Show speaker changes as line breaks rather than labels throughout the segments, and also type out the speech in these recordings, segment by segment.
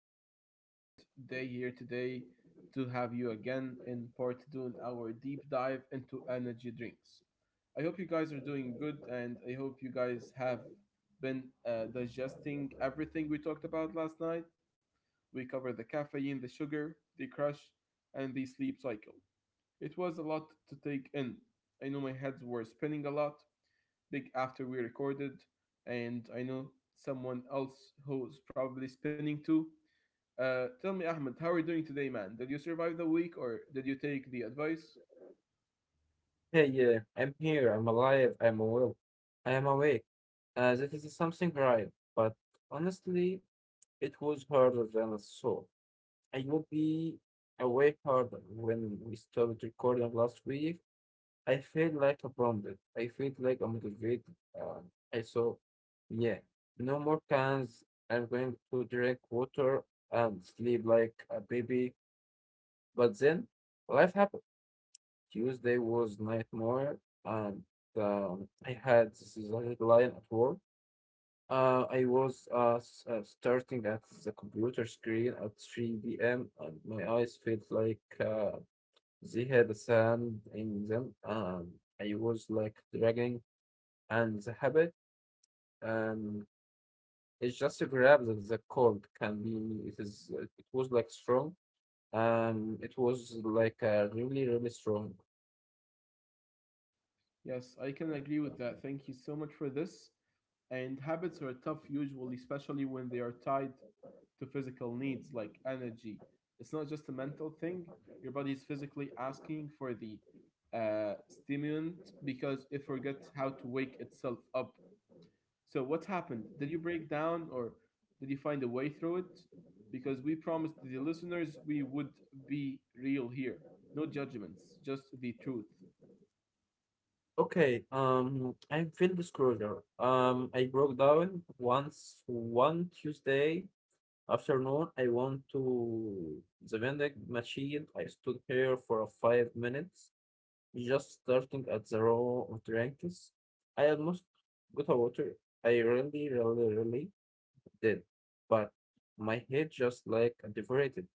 Here it is a good day here today to have you again in part two in our deep dive into energy drinks. I hope you guys are doing good, and I hope you guys have been digesting everything we talked about last night. We covered the caffeine, the sugar, the crush, and the sleep cycle. It was a lot to take in. I know my heads were spinning a lot, big after we recorded, and I know someone else who's probably spinning too tell me, Ahmed, how are you doing today, man? Did you survive the week or did you take the advice?
Hey, yeah, I'm here, I'm alive, I'm well, I am awake. That is something right, but honestly, it was harder than I thought. I will be awake harder when we started recording last week. I feel like a bombed. I feel like I'm motivated. Um, I saw, yeah, no more cans. I'm going to drink water and sleep like a baby. But then life happened. Tuesday was nightmare, and I had this is a headline at work. I was starting at the computer screen at 3 p.m. and my eyes felt like they had sand in them. I was like dragging, and the habit, um, it's just a grab that the cold can be. It is. It was like strong. It was like really, really strong.
Yes, I can agree with that. Thank you so much for this. And habits are tough usually, especially when they are tied to physical needs like energy. It's not just a mental thing. Your body is physically asking for the stimulant because it forgets how to wake itself up. So what happened? Did you break down or did you find a way through it? Because we promised the listeners we would be real here. No judgments, just the truth.
Okay, I feel disclosure. I broke down once one Tuesday afternoon. I went to the vending machine. I stood here for 5 minutes, just starting at the row of drinks. I almost got a water. I really, really, really did, but my head just like devastated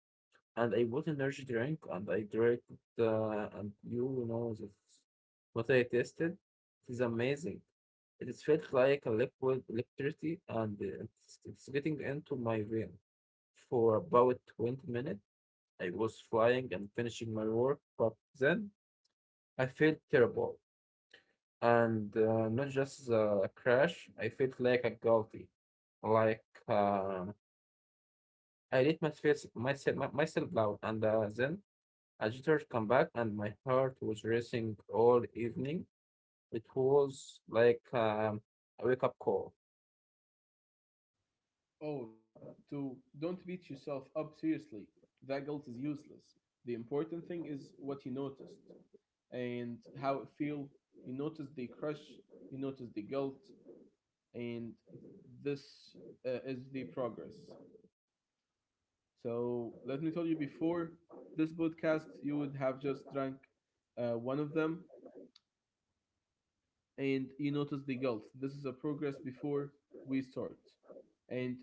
and I bought energy drink and I drank it, and you know this. What I tasted it is amazing. It felt like a liquid electricity, and it's getting into my vein. For about 20 minutes, I was flying and finishing my work, but then I felt terrible. And not just a crash, I felt like a guilty. Like I let myself down, and then Agitators come back, and my heart was racing all evening. It was like a wake up call.
Oh, to don't beat yourself up seriously. That guilt is useless. The important thing is what you noticed and how it feel. You noticed the crush, you noticed the guilt, and this is the progress. So let me tell you before this podcast, you would have just drank one of them and you notice the guilt. This is a progress before we start and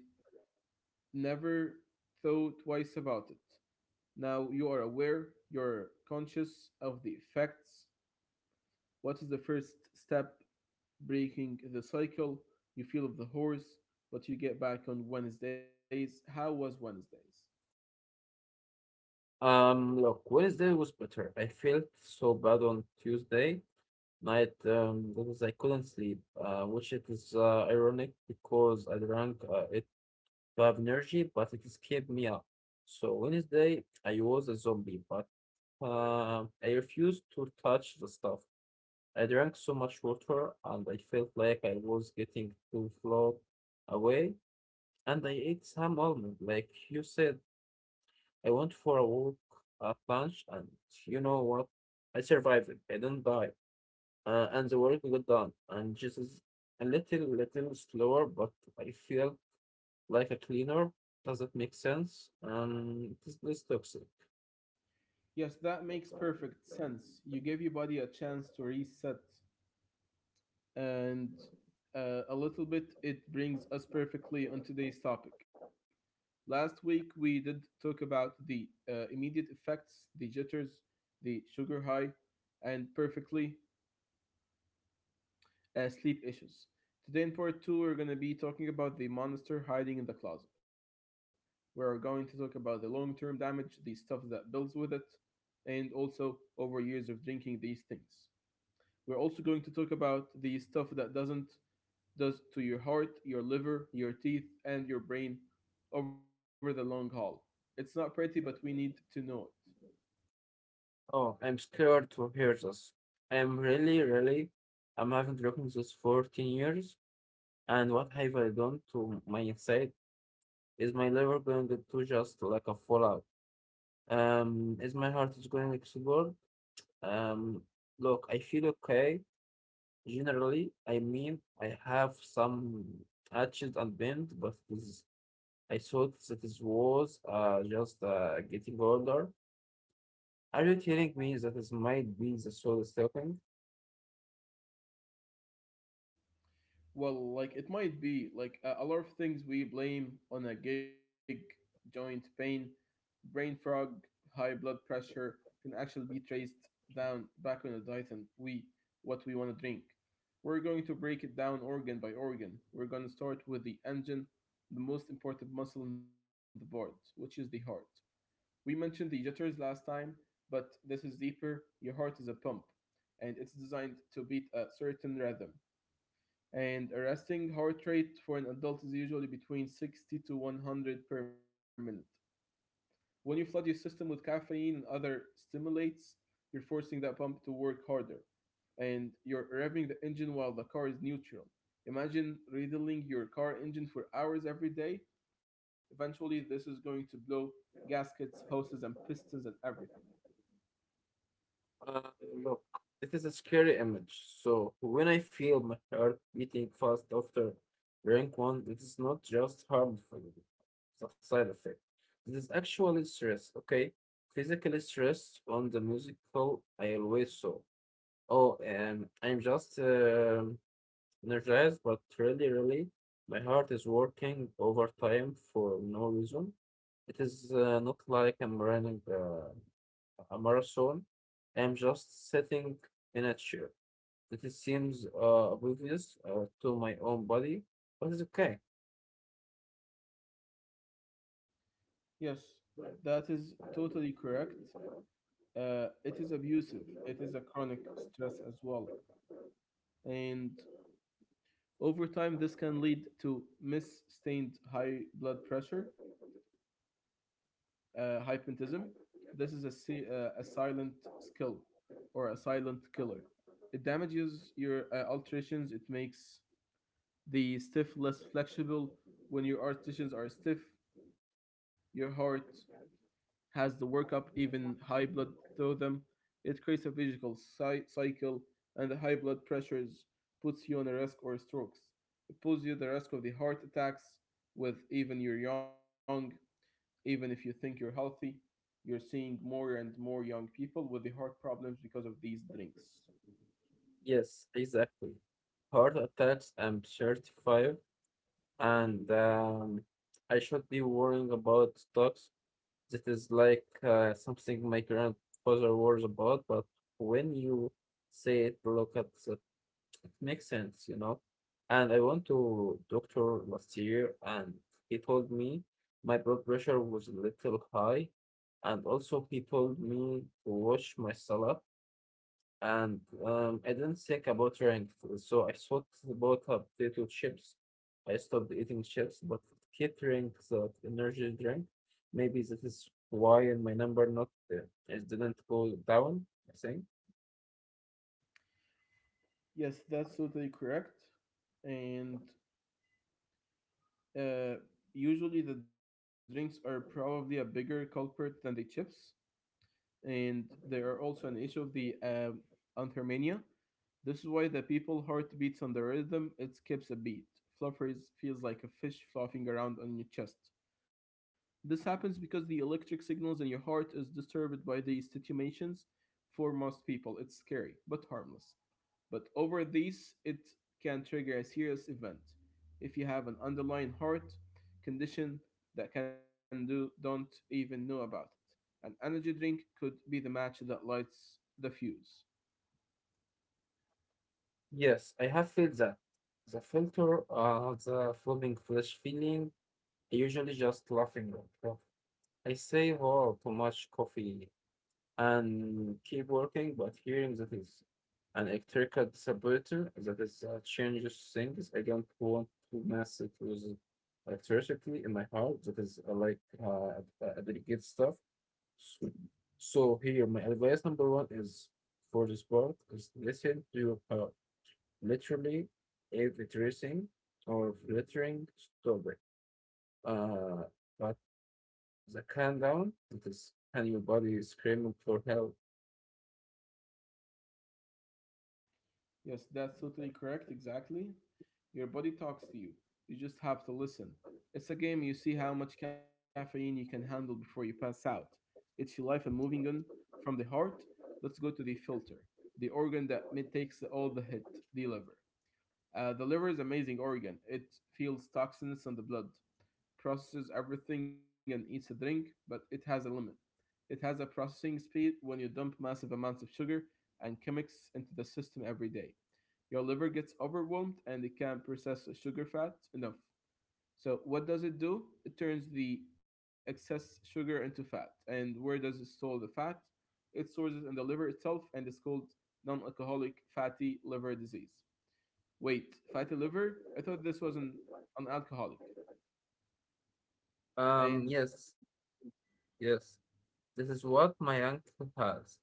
never thought twice about it. Now you are aware, you're conscious of the effects. What is the first step breaking the cycle? You feel of the horse, but you get back on Wednesdays. How was Wednesdays?
Look, Wednesday was better. I felt so bad on Tuesday night because I couldn't sleep, which it is ironic because I drank it to have energy, but it just kept me up. So Wednesday, I was a zombie, but I refused to touch the stuff. I drank so much water and I felt like I was getting too float away. And I ate some almond, like you said. I went for a walk at lunch, and you know what? I survived. I didn't die. And the work got done. And just is a little slower, but I feel like a cleaner. Does that make sense? This is toxic.
Yes, that makes perfect sense. You give your body a chance to reset, and a little bit it brings us perfectly on today's topic. Last week we did talk about the immediate effects, the jitters, the sugar high, and perfectly sleep issues. Today in part two, we're going to be talking about the monster hiding in the closet. We're going to talk about the long term damage, the stuff that builds with it, and also over years of drinking these things. We're also going to talk about the stuff that doesn't does to your heart, your liver, your teeth, and your brain over the long haul. It's not pretty, but we need to know it.
Oh, I'm scared to hear this. I'm really, really. I'm having broken this 14 years. And what have I done to my side? Is my liver going to just like a fallout? Is my heart is going to explode? Um, Look, I feel okay. Generally, I mean, I have some hatchet and bend, but this, I thought that it was just getting older. Are you telling me that this might be the soul is talking?
Well, like it might be like a lot of things we blame on a gig, joint pain, brain fog, high blood pressure can actually be traced down back on the diet and we what we want to drink. We're going to break it down organ by organ. We're going to start with the engine, the most important muscle in the board, which is the heart. We mentioned the jitters last time, but this is deeper. Your heart is a pump and it's designed to beat a certain rhythm and a resting heart rate for an adult is usually between 60 to 100 per minute. When you flood your system with caffeine and other stimulants, you're forcing that pump to work harder and you're revving the engine while the car is neutral. Imagine riddling your car engine for hours every day. Eventually, this is going to blow gaskets, hoses, and pistons and everything.
Uh, Look, it is a scary image. So when I feel my heart beating fast after rank one, it is not just harmful, it's a side effect. It is actually stress, okay? Physical stress on the musical I always saw. Oh, I'm just energized, but really, really, my heart is working overtime for no reason. It is not like I'm running. A marathon. I'm just sitting in a chair. It seems oblivious to my own body, but it's okay.
Yes, that is totally correct. It is abusive. It is a chronic stress as well. And over time, this can lead to misstained high blood pressure, hypertension. This is a, a silent skill or a silent killer. It damages your alterations. It makes the stiff less flexible. When your articulations are stiff, your heart has the workup, even high blood rhythm. It creates a visual cycle, and the high blood pressures puts you on a risk or strokes. It puts you the risk of the heart attacks with even you're young, even if you think you're healthy. You're seeing more and more young people with the heart problems because of these drinks.
Yes, exactly. Heart attacks, I'm 35, and I should be worrying about stocks. That is like something my grandfather worries about, but when you say it, look at the It makes sense, you know. And I went to doctor last year and he told me my blood pressure was a little high. And also he told me to wash my salad. And I didn't think about drink, so I thought about potato chips. I stopped eating chips, but catering that energy drink. Maybe that is why my number not it didn't go down, I think.
Yes, that's totally correct. And uh, usually the drinks are probably a bigger culprit than the chips and there are also an issue of the anhermania. This is why the people heart beats on the rhythm it skips a beat. Fluffers feels like a fish flopping around on your chest. This happens because the electric signals in your heart is disturbed by these situations. For most people, it's scary but harmless but over these it can trigger a serious event if you have an underlying heart condition that can do don't even know about it. An energy drink could be the match that lights the fuse.
Yes, I have felt that. The filter, the flopping flesh feeling, I usually just laughing at stuff. I say, oh, too much coffee and keep working, but hearing that is an electrical distributor that is changes things. I don't want to mess it with electricity in my heart. That is like delicate stuff. So, so, here, my advice number one is for the sport is listen to your heart. Literally, if it's racing or fluttering, stop it. Uh, but the countdown, it is and your body is screaming for help.
Yes, that's totally correct, exactly. Your body talks to you. You just have to listen. It's a game you see how much caffeine you can handle before you pass out. It's your life and moving on from the heart. Let's go to the filter, the organ that takes all the hit, the liver. The liver is amazing organ. It feels toxins in the blood, processes everything and eats a drink, but it has a limit. It has a processing speed when you dump massive amounts of sugar and chemicals into the system every day. Your liver gets overwhelmed and it can't process sugar fat enough. So what does it do? It turns the excess sugar into fat. And where does it store the fat? It stores it in the liver itself and it's called non-alcoholic fatty liver disease. Wait, fatty liver? I thought this was an alcoholic. And
Yes, yes. This is what my uncle has.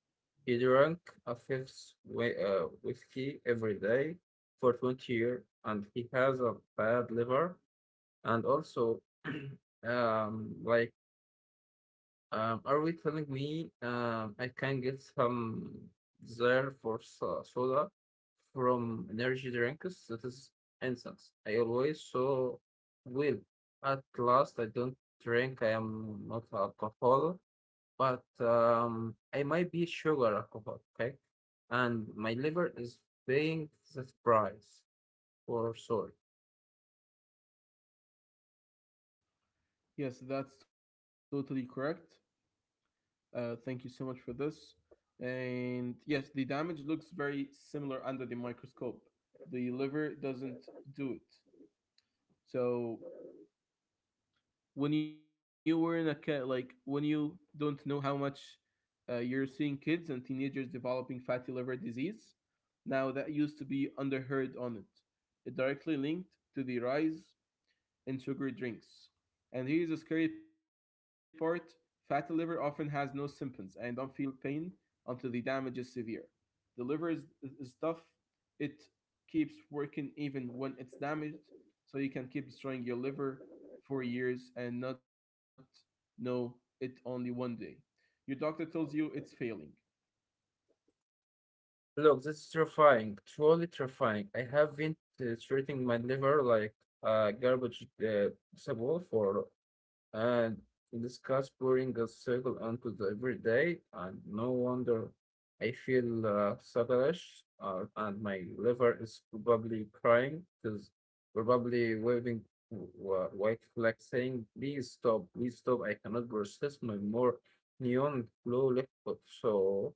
He drank a fifth whiskey every day for 20 years, and he has a bad liver. And also, like, are we telling me I can get some there for soda from energy drinks? That is incense. I always so will. At last, I don't drink. I am not alcohol, but I might be sugar alcohol. Okay, and my liver is paying the price for soy.
yes, that's totally correct. Thank you so much for this. And yes, the damage looks very similar under the microscope. The liver doesn't do it. So when you were in a cat, like when you don't know how much you're seeing kids and teenagers developing fatty liver disease, now that used to be underheard on it. It directly linked to the rise in sugary drinks. And here's the scary part fatty liver often has no symptoms and don't feel pain until the damage is severe. The liver is tough, it keeps working even when it's damaged, so you can keep destroying your liver for years and not know it only one day. Your doctor tells you it's failing.
Look, that's terrifying, truly terrifying. I have been treating my liver like a garbage disposal for and this cast pouring a circle onto the everyday, and no wonder I feel sluggish, and my liver is probably crying, is probably waving white flag saying, "Please stop, please stop! I cannot process my more neon blue liquid." So.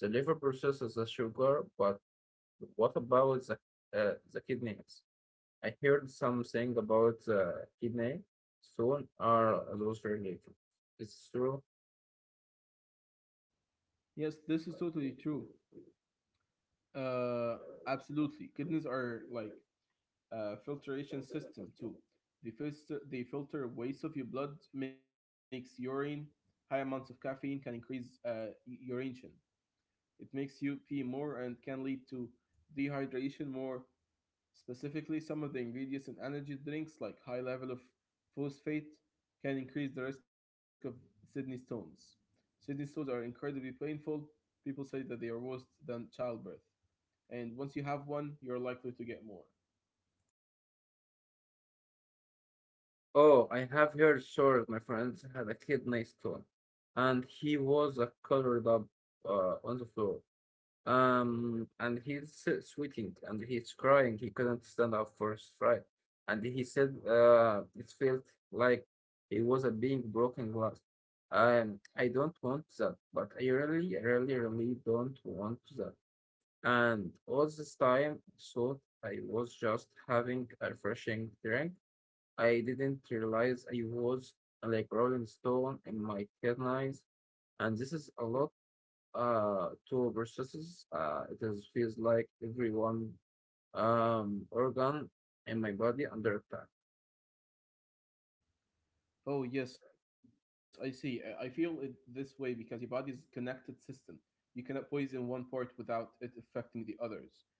The liver processes the sugar, but what about the kidneys? I heard something about the kidney. Soon are those related? It's true.
Yes, this is totally true. Uh, absolutely. Kidneys are like filtration system too. Filter, the filter waste of your blood makes urine. High amounts of caffeine can increase urination. It makes you pee more and can lead to dehydration more. Specifically, some of the ingredients in energy drinks, like high level of phosphate, can increase the risk of kidney stones. Kidney stones are incredibly painful. People say that they are worse than childbirth, and once you have one, you're likely to get more.
Oh, I have heard sure my friend had a kidney stone and he was covered up on the floor. And he's still sweating and he's crying. He couldn't stand up for his fright. And he said, it felt like it was a being broken glass. I don't want that, but I really, really, really don't want that. And all this time, I thought I was just having a refreshing drink. I didn't realize I was like Rolling Stone in my kidneys. And this is a lot two processes. It is, feels like every one organ in my body under attack.
Oh, yes, I see. I feel it this way because your body is connected system. You cannot poison one part without it affecting the others.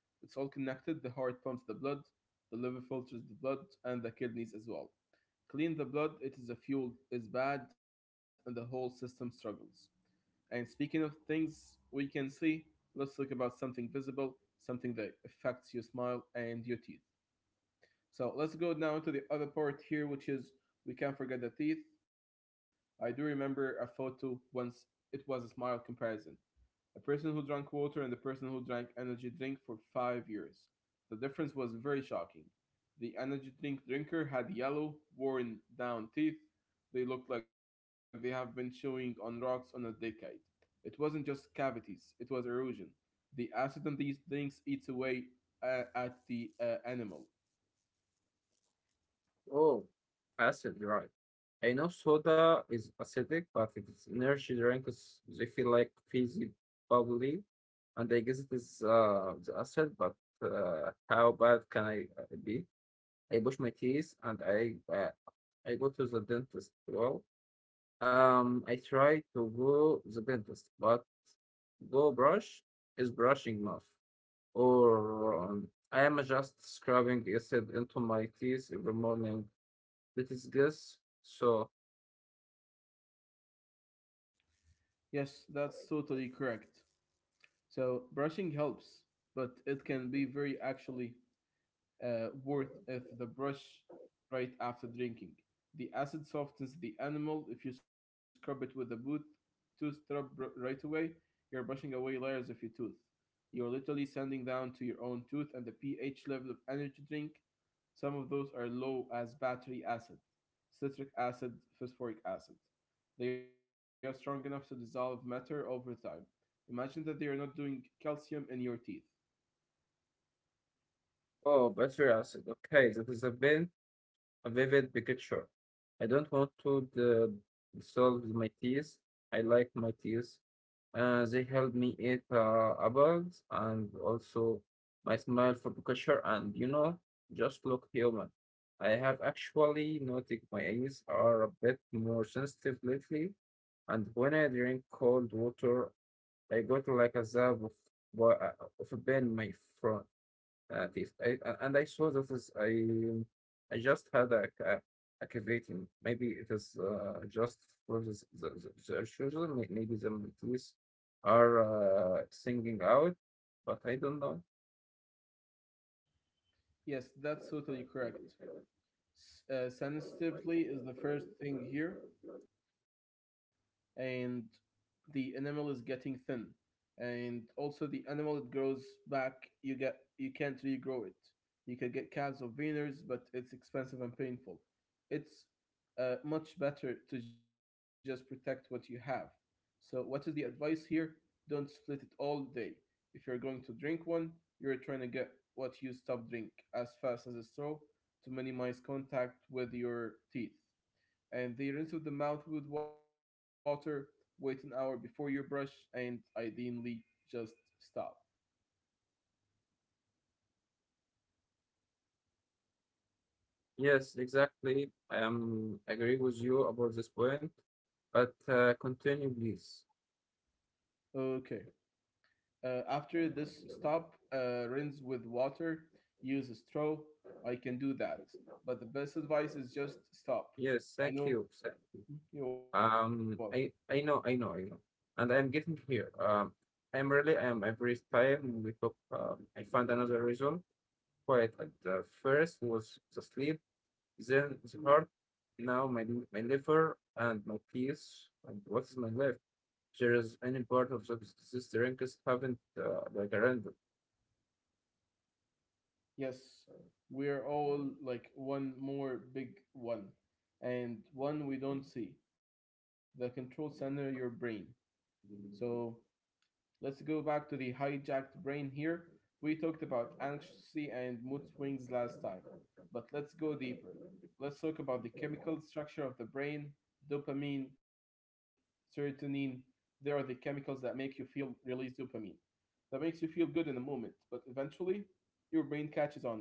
It's all connected. The heart pumps the blood, the liver filters the blood, and the kidneys as well. Clean the blood, it is a fuel, is bad, and the whole system struggles. And speaking of things we can see, let's talk about something visible, something that affects your smile and your teeth. So let's go down to the other part here, which is we can't forget the teeth. I do remember a photo once. It was a smile comparison. A person who drank water and the person who drank energy drink for 5 years. The difference was very shocking. The energy drink drinker had yellow, worn down teeth. They looked like they have been chewing on rocks on a decade. It wasn't just cavities, it was erosion. The acid in these drinks eats away at the animal.
Oh, acid, right. I know soda is acidic, but if it's energy drink, they feel like fizzy bubbly. And I guess it is the asset, but how bad can I be? I brush my teeth and I go to the dentist. Well, I try to go the dentist, but go brush is brushing mouth, or I am just scrubbing acid into my teeth every morning. That is this, so,
Yes, that's totally correct. So brushing helps, but it can be very actually worth of the brush right after drinking. The acid softens the animal. If you scrub it with a boot, tooth scrub right away, you're brushing away layers of your tooth. You're literally sanding down to your own tooth and the pH level of energy drink. Some of those are low as battery acid, citric acid, phosphoric acid. They are strong enough to dissolve matter over time. Imagine that they are not doing calcium in your teeth.
oh, battery acid. Okay, that is a pain a vivid picture. I don't want to dissolve my teeth. I like my teeth. They help me eat apples and also my smile for picture and you know just look human. I have actually noticed my eyes are a bit more sensitive lately, and when I drink cold water, I got like a zap of of a pain in my front at least. And I saw this is I just had a cavity. Maybe it is just for the, the children. Maybe the monkeys are singing out, but I don't know.
Yes, that's totally correct. Sensitivity is the first thing here and the enamel is getting thin and also the animal it grows back you get you can't regrow it you can get calves or wieners but it's expensive and painful it's much better to just protect what you have so what is the advice here don't split it all day if you're going to drink one you're trying to get what you stop drink as fast as a straw to minimize contact with your teeth and they rinse with the mouth with water, wait an hour before you brush, and ideally just stop.
Yes, exactly. I am agree with you about this point, but continue, please.
Okay. After this stop, rinse with water, use a straw. I can do that. But the best advice is just stop.
Yes,
I
thank
know.
you. Thank
You're welcome.
I know, I know, I know, and I'm getting here. I'm really, I'm every time we talk, I find another reason. Quite at the first was the sleep, then the heart, now my liver and my peace. And what is my life? There is any part of this drink is haven't like a random.
Yes, we are all like one more big one, and one we don't see the control center, your brain. So let's go back to the hijacked brain here. We talked about anxiety and mood swings last time, but let's go deeper. Let's talk about the chemical structure of the brain. Dopamine, serotonin, they are the chemicals that make you feel release dopamine. That makes you feel good in the moment, but eventually your brain catches on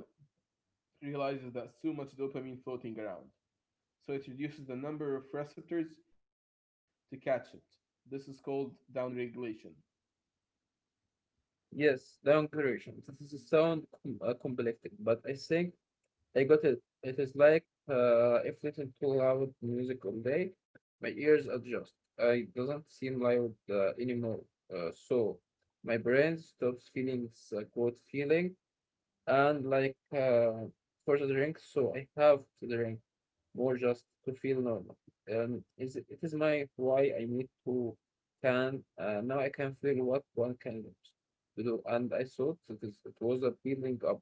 it, realizes that's too much dopamine floating around. So it reduces the number of receptors to catch it. This is called downregulation.
Yes, long duration. This is sound complex, but I think I got it. It is like if little too loud music all day, my ears adjust. It doesn't seem loud anymore. So my brain stops feeling good feeling and like for the drink. So I have to drink more just to feel normal. And is it is my why I need to can now I can feel what one can do. To do. And I thought it is it was a building up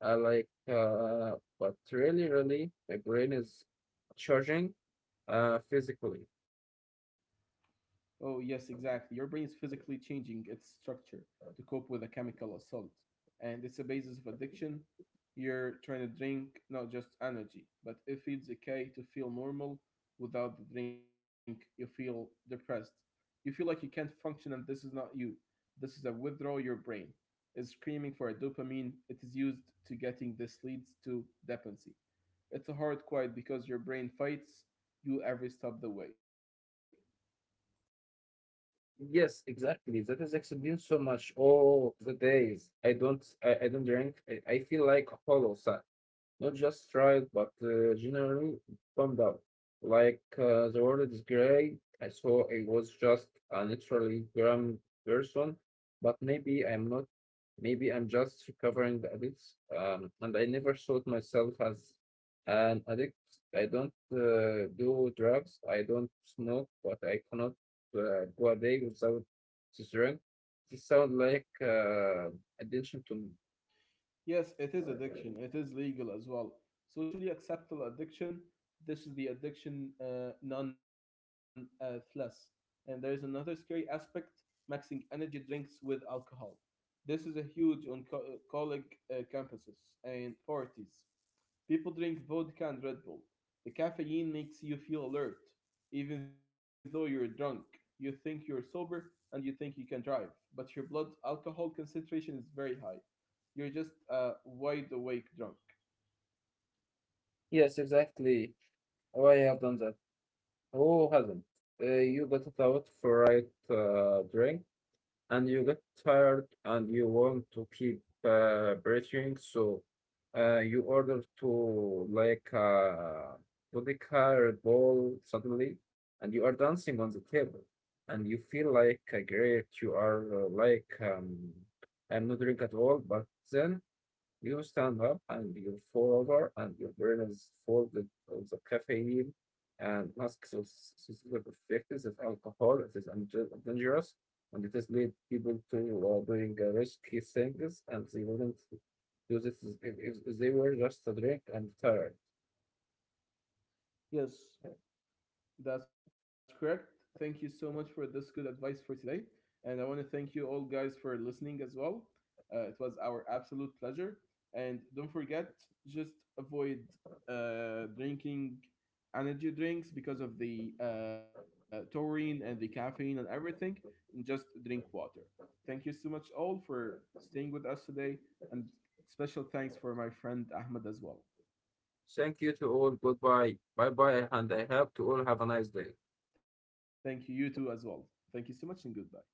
I like, but really, really, my brain is charging physically.
Oh, yes, exactly. Your brain is physically changing its structure to cope with a chemical assault. And it's a basis of addiction. You're trying to drink not just energy, but it feels okay to feel normal without the drink. You feel depressed. You feel like you can't function, and this is not you. This is a withdrawal your brain is screaming for a dopamine. It is used to getting this leads to dependency. It's a hard quiet because your brain fights you every step of the way.
Yes, exactly. That is explained so much. Oh, the days I don't drink. I feel like hollow. So not just tried, but generally bummed out. Like the world is great. I saw I was just a naturally grim person, but maybe I'm not. Maybe I'm just recovering the addicts. And I never thought myself as an addict. I don't do drugs. I don't smoke, but I cannot go a day without this drink. This sounds like attention to me.
Yes, it is addiction. It is legal as well. Socially acceptable addiction. This is the addiction none less. And there is another scary aspect mixing energy drinks with alcohol. This is a huge on college campuses and parties. People drink vodka and Red Bull. The caffeine makes you feel alert, even though you're drunk. You think you're sober and you think you can drive, but your blood alcohol concentration is very high. You're just a wide awake drunk.
Yes, exactly. Oh, I have done that. Who hasn't? You got it out for right drink, and you get tired, and you want to keep breathing, so you order to like vodka Red Bull suddenly, and you are dancing on the table, and you feel like a great. You are I'm not drink at all, but then you stand up and you fall over, and your brain is full of the caffeine and masks of specific effects of alcohol. It is dangerous and it has led people to doing risky things and they wouldn't do this if they were just a drink and tired.
Yes. That's correct. Thank you so much for this good advice for today. And I want to thank you all guys for listening as well. It was our absolute pleasure. And don't forget, just avoid drinking energy drinks because of the taurine and the caffeine and everything. And just drink water. Thank you so much all for staying with us today. And special thanks for my friend Ahmed as well.
Thank you to all. Goodbye. Bye bye. And I hope to all have a nice day.
Thank you, you too, as well. Thank you so much, and goodbye.